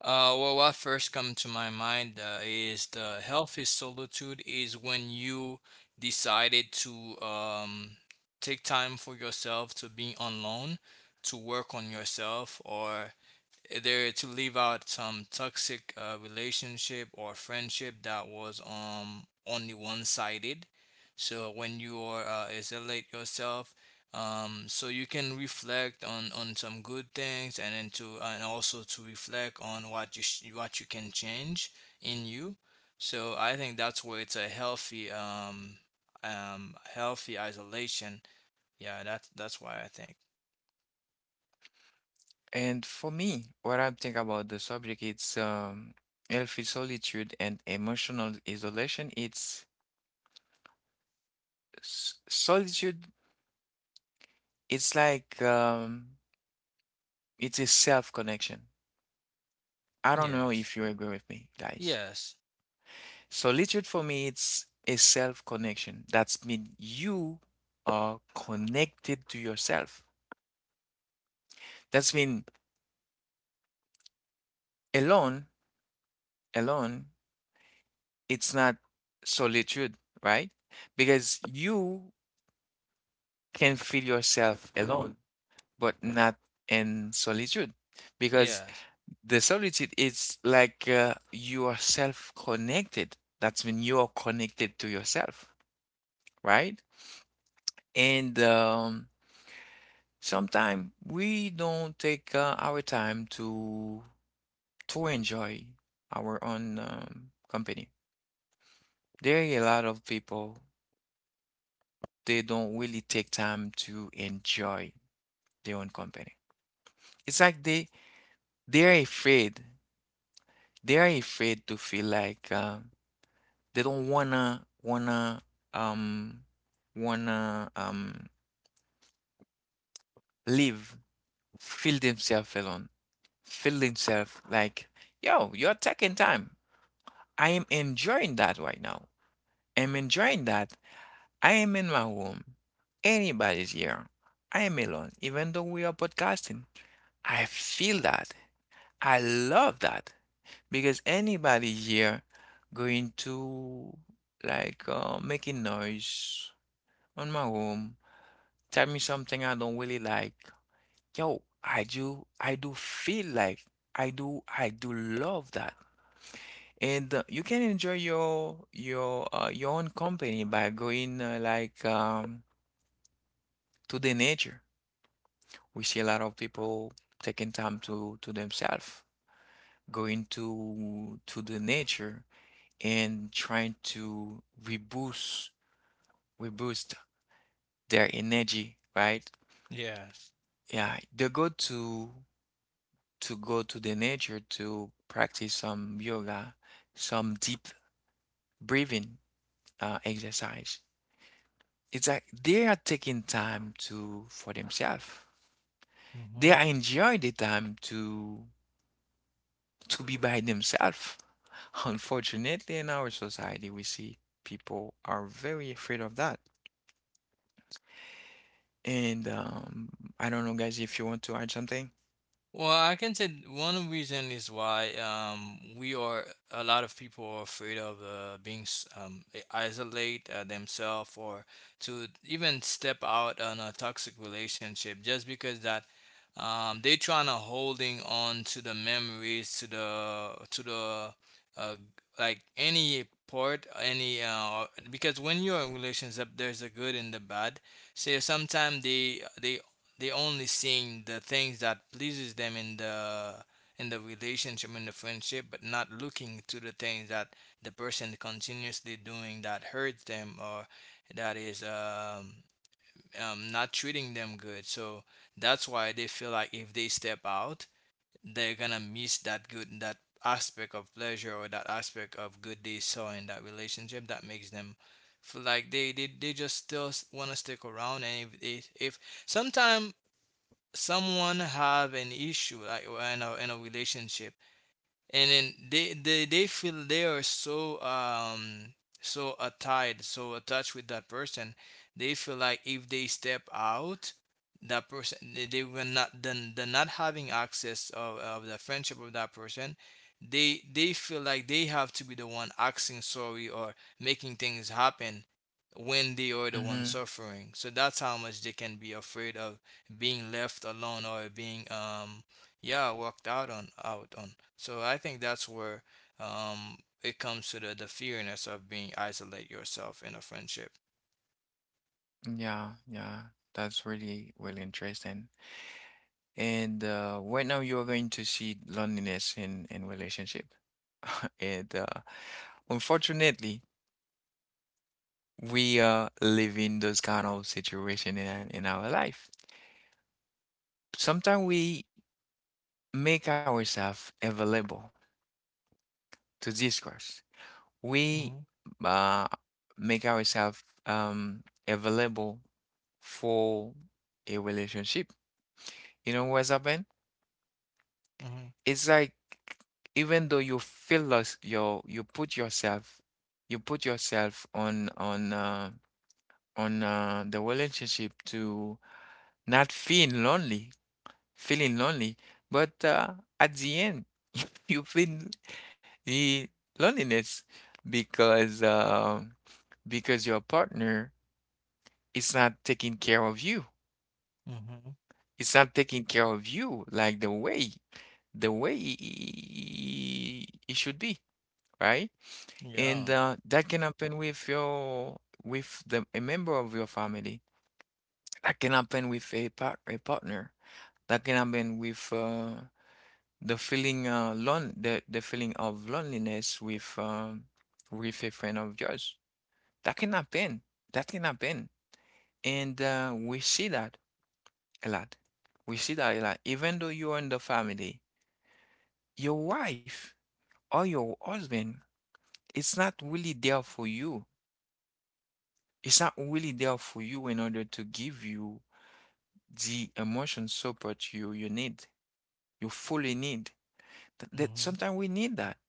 Speaker 4: Well, what first come to my mind is the healthy solitude is when you decided to take time for yourself to be alone, to work on yourself, or there to leave out some toxic relationship or friendship that was only one-sided. So when you are isolate yourself, so you can reflect on some good things, and then to and also to reflect on what you can change in you. So I think that's where it's a healthy healthy isolation. Yeah, that's why I think.
Speaker 1: And for me, what I think about the subject, it's healthy solitude and emotional isolation. It's solitude, it's like it's a self connection. I don't know
Speaker 4: Yes.
Speaker 1: if you agree with me, guys.
Speaker 4: Yes.
Speaker 1: Solitude for me, it's a self connection. That's mean you are connected to yourself. That's mean alone, alone, it's not solitude, right? Because you can feel yourself alone, but not in solitude. Because
Speaker 4: Yes.
Speaker 1: the solitude is like you are self connected. That's when you are connected to yourself, right? And sometimes we don't take our time to enjoy our own company. There are a lot of people they don't really take time to enjoy their own company. It's like they are afraid. They are afraid to feel like. They don't um wanna live, feel themselves alone, feel themselves like, yo, you're taking time. I am enjoying that right now. I'm enjoying that. I am in my room. Anybody's here. I am alone. Even though we are podcasting, I feel that. I love that because anybody here going to like making noise on my room tell me something I don't really like. Yo, I do feel like I do love that. And you can enjoy your your own company by going to the nature. We see a lot of people taking time to themselves, going to the nature and trying to reboost their energy, right?
Speaker 4: Yes.
Speaker 1: Yeah, they go to go to the nature to practice some yoga, some deep breathing exercise. It's like they are taking time to for themselves.
Speaker 4: Hmm.
Speaker 1: They are enjoy the time to be by themselves. Unfortunately, in our society, we see people are very afraid of that. And I don't know, guys, if you want to add something.
Speaker 4: Well, I can say one reason is why we are a lot of people are afraid of being isolate themselves, or to even step out on a toxic relationship, just because that they trying to holding on to the memories, to the uh, like any part, any because when you're in relationship there's a good and the bad. So sometimes they They only seeing the things that pleases them in the, in the relationship, in the friendship, but not looking to the things that the person continuously doing that hurts them, or that is not treating them good. So that's why they feel like if they step out, they're gonna miss that good, that aspect of pleasure or that aspect of good they saw in that relationship that makes them feel like they just still want to stick around. And if sometimes someone have an issue, like in a relationship, and then they feel they are so so tied, so attached with that person, they feel like if they step out, that person, they will not then, the not having access of the friendship of that person, they feel like they have to be the one asking sorry or making things happen when they are the
Speaker 1: Mm-hmm.
Speaker 4: one suffering. So that's how much they can be afraid of being left alone or being yeah, walked out on. So I think that's where it comes to the fearness of being isolate yourself in a friendship.
Speaker 1: Yeah, yeah, that's really, really interesting. And right now you are going to see loneliness in relationship. And unfortunately, we are living those kind of situation in our life. Sometimes we make ourselves available to discourse. We
Speaker 4: Mm-hmm.
Speaker 1: uh, make ourselves available for a relationship. You know what's happened?
Speaker 4: Mm-hmm.
Speaker 1: It's like even though you feel lost, you put yourself you put yourself on the relationship to not feel lonely, feeling lonely, but at the end you feel the loneliness because uh, because your partner is not taking care of you.
Speaker 4: Mm-hmm.
Speaker 1: It's not taking care of you like the way it should be, right? And
Speaker 4: Yeah.
Speaker 1: that can happen with your with the a member of your family, that can happen with a partner, that can happen with the feeling of loneliness with a friend of yours, that can happen, that can happen. And we see that a lot, we see that a lot, even though you're in the family, your wife or your husband, it's not really there for you. It's not really there for you in order to give you the emotion support you need, you fully need. That
Speaker 4: Mm-hmm.
Speaker 1: sometimes we need that.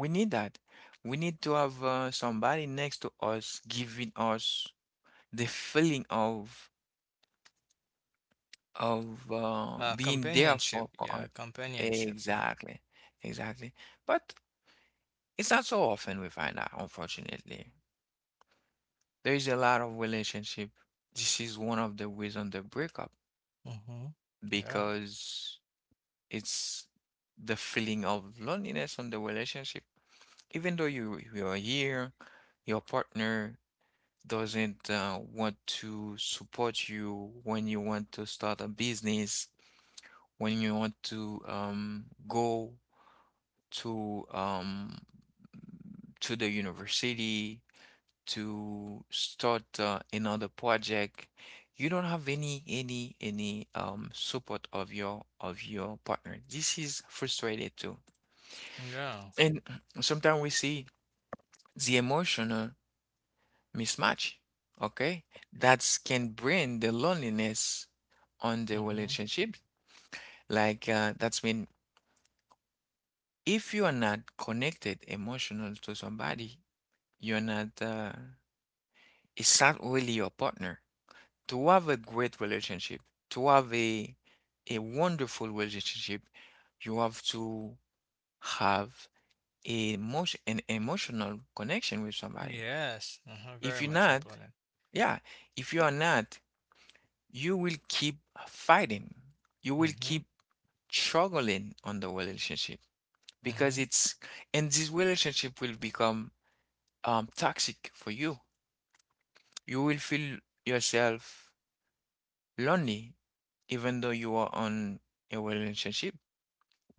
Speaker 1: We need that. We need to have somebody next to us giving us the feeling of being there
Speaker 4: Companionship.
Speaker 1: for
Speaker 4: Yeah,
Speaker 1: us.
Speaker 4: companionship.
Speaker 1: Exactly, exactly. But it's not so often we find out, unfortunately. There is a lot of relationship. This is one of the reasons they break up
Speaker 4: Mm-hmm. Yeah.
Speaker 1: because it's the feeling of loneliness on the relationship. Even though you are here, your partner doesn't want to support you when you want to start a business, when you want to go to um, to the university to start another project. You don't have any support of your partner. This is frustrated too.
Speaker 4: Yeah.
Speaker 1: And sometimes we see the emotional mismatch, okay? That's can bring the loneliness on the
Speaker 4: Mm-hmm.
Speaker 1: relationship. Like that's when if you are not connected emotional to somebody, you're not it's not really your partner. To have a great relationship, to have a wonderful relationship, you have to have a emotion, an emotional connection with somebody.
Speaker 4: Yes. Uh-huh.
Speaker 1: If
Speaker 4: Very
Speaker 1: you're
Speaker 4: much
Speaker 1: not,
Speaker 4: important.
Speaker 1: yeah, if you are not, you will keep fighting. You will
Speaker 4: Mm-hmm.
Speaker 1: keep struggling on the relationship because
Speaker 4: Mm-hmm.
Speaker 1: it's, and this relationship will become toxic for you. You will feel yourself lonely even though you are on a relationship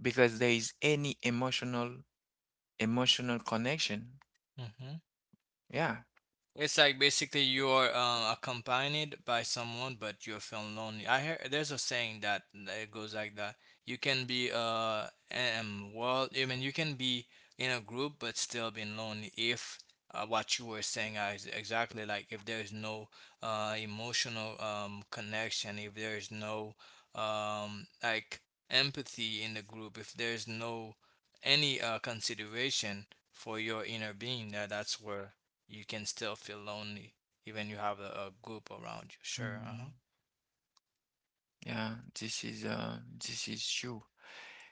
Speaker 1: because there is any emotional connection.
Speaker 4: Mm-hmm.
Speaker 1: Yeah.
Speaker 4: It's like basically you're accompanied by someone, but you're feeling lonely. I hear there's a saying that it goes like that. You can be well, I mean, you can be in a group but still being lonely if, what you were saying is exactly like if there is no emotional connection, if there is no like empathy in the group, if there is no any consideration for your inner being, that's where you can still feel lonely, even you have a group around you. Sure,
Speaker 1: Mm,
Speaker 4: uh-huh.
Speaker 1: yeah, this is uh this is true.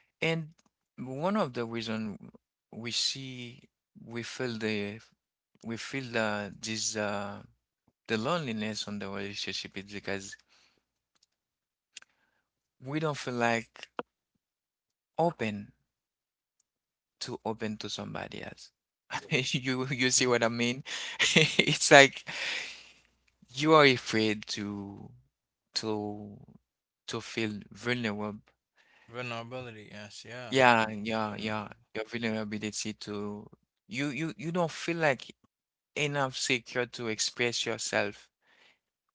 Speaker 1: And one of the reason we see we feel the we feel the this the loneliness on the relationship is because we don't feel like open to open to somebody else. You see
Speaker 4: Mm.
Speaker 1: what I mean? It's like you are afraid to to feel vulnerable.
Speaker 4: Vulnerability, yes, yeah.
Speaker 1: Yeah,
Speaker 4: Mm.
Speaker 1: yeah, yeah.
Speaker 4: Vulnerable.
Speaker 1: Your vulnerability to you don't feel like enough secure to express yourself,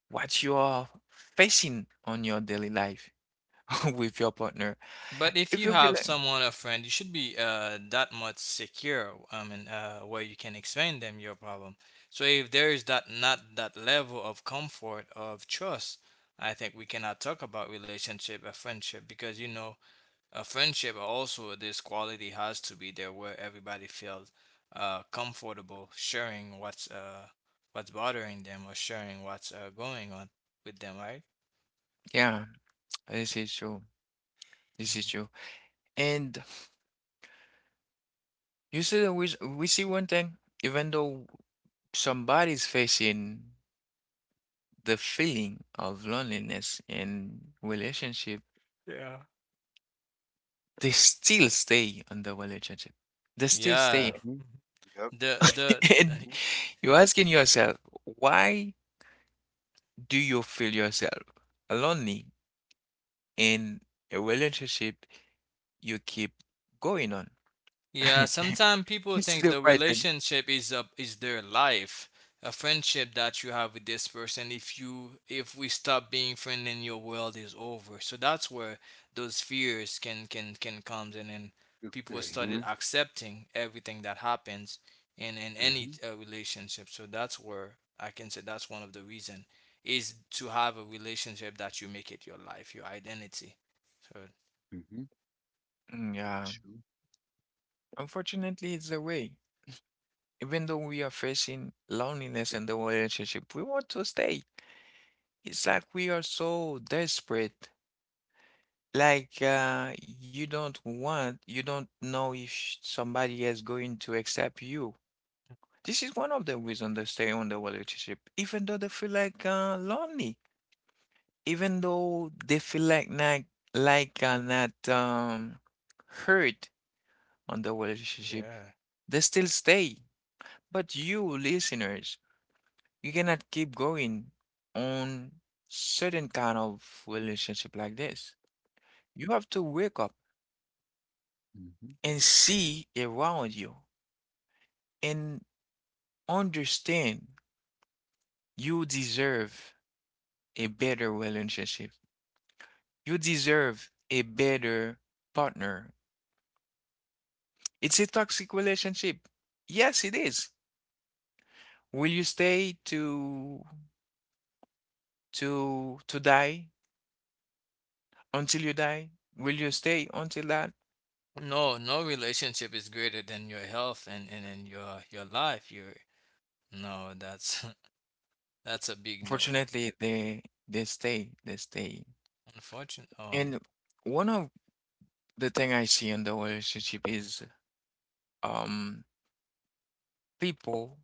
Speaker 1: what you are facing on your daily life with your partner.
Speaker 4: But if
Speaker 1: If
Speaker 4: you
Speaker 1: you feel
Speaker 4: have
Speaker 1: like,
Speaker 4: someone, a friend, you should be that much secure. I mean, where you can explain them your problem. So if there is that, not that level of comfort of trust, I think we cannot talk about relationship or friendship, because, you know, a friendship also, this quality has to be there where everybody feels comfortable sharing what's bothering them, or sharing what's going on with them, right?
Speaker 1: yeah, this is true. This is
Speaker 4: Mhm.
Speaker 1: true. And you see, we see one thing, even though somebody's facing the feeling of loneliness in relationship,
Speaker 4: Yeah.
Speaker 1: they still stay in the relationship. They still
Speaker 2: really.
Speaker 1: stay
Speaker 4: Yeah.
Speaker 1: in.
Speaker 2: Hmm.
Speaker 4: Mhm.
Speaker 2: Yep.
Speaker 4: The the
Speaker 1: And you're asking yourself, why do you feel yourself lonely in a relationship you keep going on?
Speaker 4: Yeah, sometimes people
Speaker 1: It's
Speaker 4: think
Speaker 1: still
Speaker 4: the
Speaker 1: quite a,
Speaker 4: relationship is their life, a friendship that you have with this person. If we stop being friend, then your world is over. So that's where those fears can come in, and people
Speaker 2: Mm-hmm.
Speaker 4: started accepting everything that happens in
Speaker 2: Mm-hmm.
Speaker 4: any relationship. So that's where I can say that's one of the reason, is to have a relationship that you make it your life, your identity. So
Speaker 2: Mm-hmm.
Speaker 1: mm, yeah.
Speaker 2: True.
Speaker 1: Unfortunately, it's the way. Even though we are facing loneliness in the relationship, we want to stay. It's like we are so desperate. Like you don't want, you don't know if somebody is going to accept you. This is one of the reasons they stay on the relationship, even though they feel like lonely, even though they feel like not hurt on the relationship,
Speaker 4: yeah.
Speaker 1: they still stay. But you listeners, you cannot keep going on certain kind of relationship like this. You have to wake up
Speaker 2: Mm-hmm.
Speaker 1: and see around you and understand you deserve a better relationship. You deserve a better partner. It's a toxic relationship. Yes, it is. Will you stay to die until you die? Will you stay until that?
Speaker 4: No, no relationship is greater than your health, and, your life. Your No, that's that's a big no.
Speaker 1: Fortunately, they stay, they stay.
Speaker 4: Unfortunate. Oh,
Speaker 1: And one of the thing I see in the relationship is um people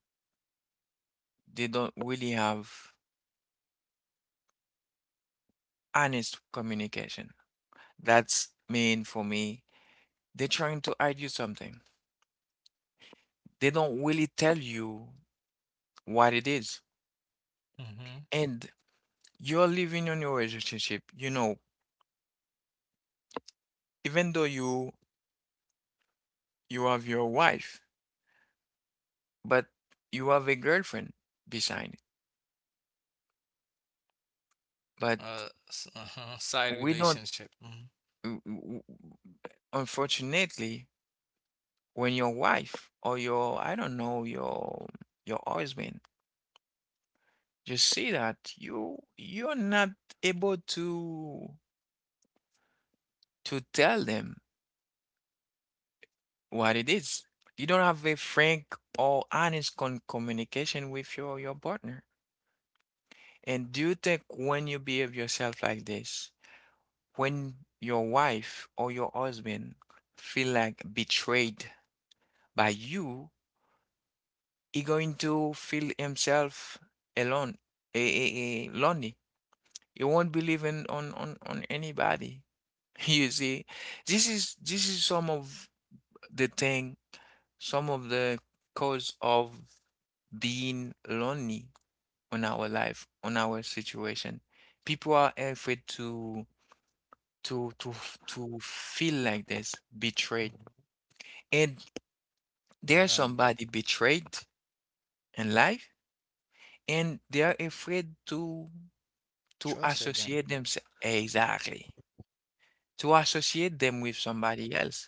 Speaker 1: they don't really have honest communication. That's mean for me. They're trying to hide you something. They don't really tell you what it is.
Speaker 4: mm-hmm.
Speaker 1: And you're living on your relationship, you know, even though you have your wife, but you have a girlfriend beside. But
Speaker 4: Uh-huh, side
Speaker 1: we don't,
Speaker 4: relationship. Mhm,
Speaker 1: w- w- unfortunately, when your wife or your, I don't know, your husband just see that you're not able to tell them what it is. You don't have a frank or honest con communication with your partner. And do you think when you behave yourself like this? When your wife or your husband feel like betrayed by you, he going to feel himself alone, lonely. He won't believe in on anybody. You see, this is some of the thing, some of the cause of being lonely on our life, on our situation. People are afraid to feel like this, betrayed.
Speaker 4: mhm.
Speaker 1: And there's
Speaker 4: Yeah,
Speaker 1: somebody betrayed in life, and they are afraid to
Speaker 4: trust again.
Speaker 1: associate themselves exactly to associate them with somebody else.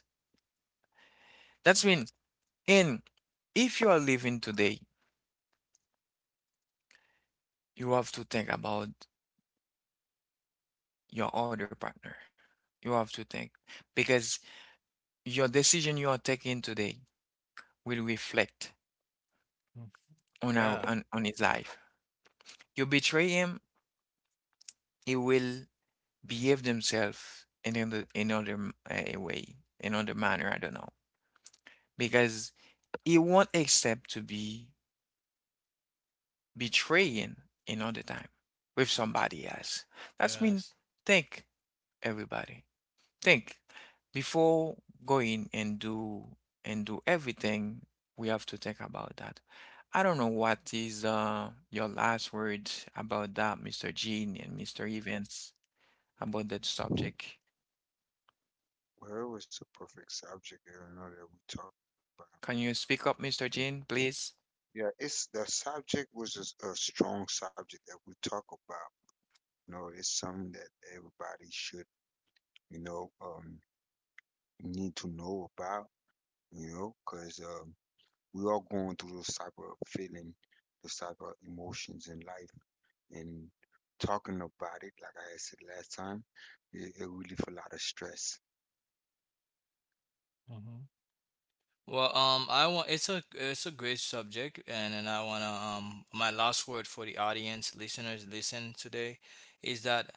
Speaker 1: That's mean, and if you are living today, you have to think about your other partner. You have to think because your decision you are taking today will reflect
Speaker 4: Mm.
Speaker 1: on our
Speaker 4: Yeah.
Speaker 1: on his life. You betray him, he will behave themselves in another way, another manner. I don't know. Because he won't accept to be betraying another time with somebody else. That's mean
Speaker 4: Yes.
Speaker 1: think everybody. Think before going and do everything we have to think about that. I don't know what is your last words about that, Mr. Jean and Mr. Evans, about that subject.
Speaker 2: Where was the perfect subject? I don't know that we talked about.
Speaker 1: Can you speak up, Mr. Jean, please?
Speaker 2: Yeah, it's the subject was a strong subject that we talk about. You know, it's something that everybody should, you know, need to know about, you know, because we are going through those type of feeling, those type of emotions in life, and talking about it, like I said last time, it really for a lot of stress.
Speaker 4: Mm-hmm. Well, I want, it's a great subject, and I wanna, my last word for the audience, listeners, listen today, is that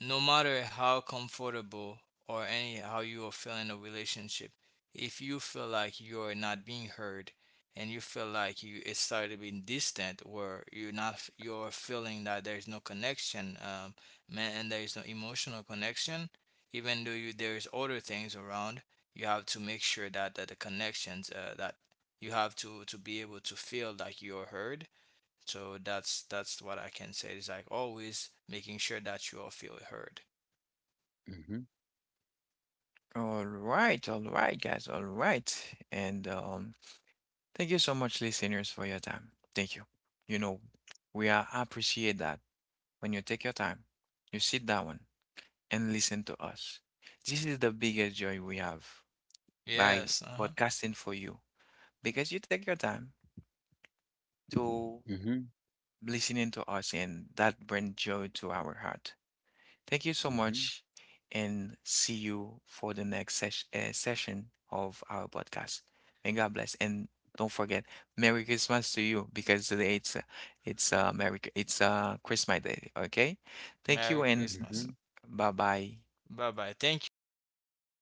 Speaker 4: no matter how comfortable or any how you are feeling a relationship, if you feel like you're not being heard, and you feel like you it started being distant, where you're feeling that there's no connection, man, and there's no emotional connection, even though you there's other things around, you have to make sure that, the connections that you have to be able to feel like you're heard. So that's what I can say. It's like always making sure that you all feel heard.
Speaker 2: Mhm.
Speaker 1: All right, guys, all right. And Thank you so much, listeners, for your time. Thank you. You know, we are appreciate that when you take your time, you sit down and listen to us. This is the biggest joy we have by
Speaker 4: Yes. Uh-huh.
Speaker 1: podcasting for you because you take your time to
Speaker 2: Mhm.
Speaker 1: listening to us and that brings joy to our heart. Thank you so
Speaker 2: Mhm.
Speaker 1: much, and see you for the next sesh session of our podcast. May God bless, and don't forget, Merry Christmas to you because today it's Merry it's Christmas Day. Okay, thank you,
Speaker 4: Merry
Speaker 1: and
Speaker 2: Mhm.
Speaker 4: Christmas.
Speaker 1: bye bye.
Speaker 4: Bye bye. Thank you for
Speaker 2: Bye bye.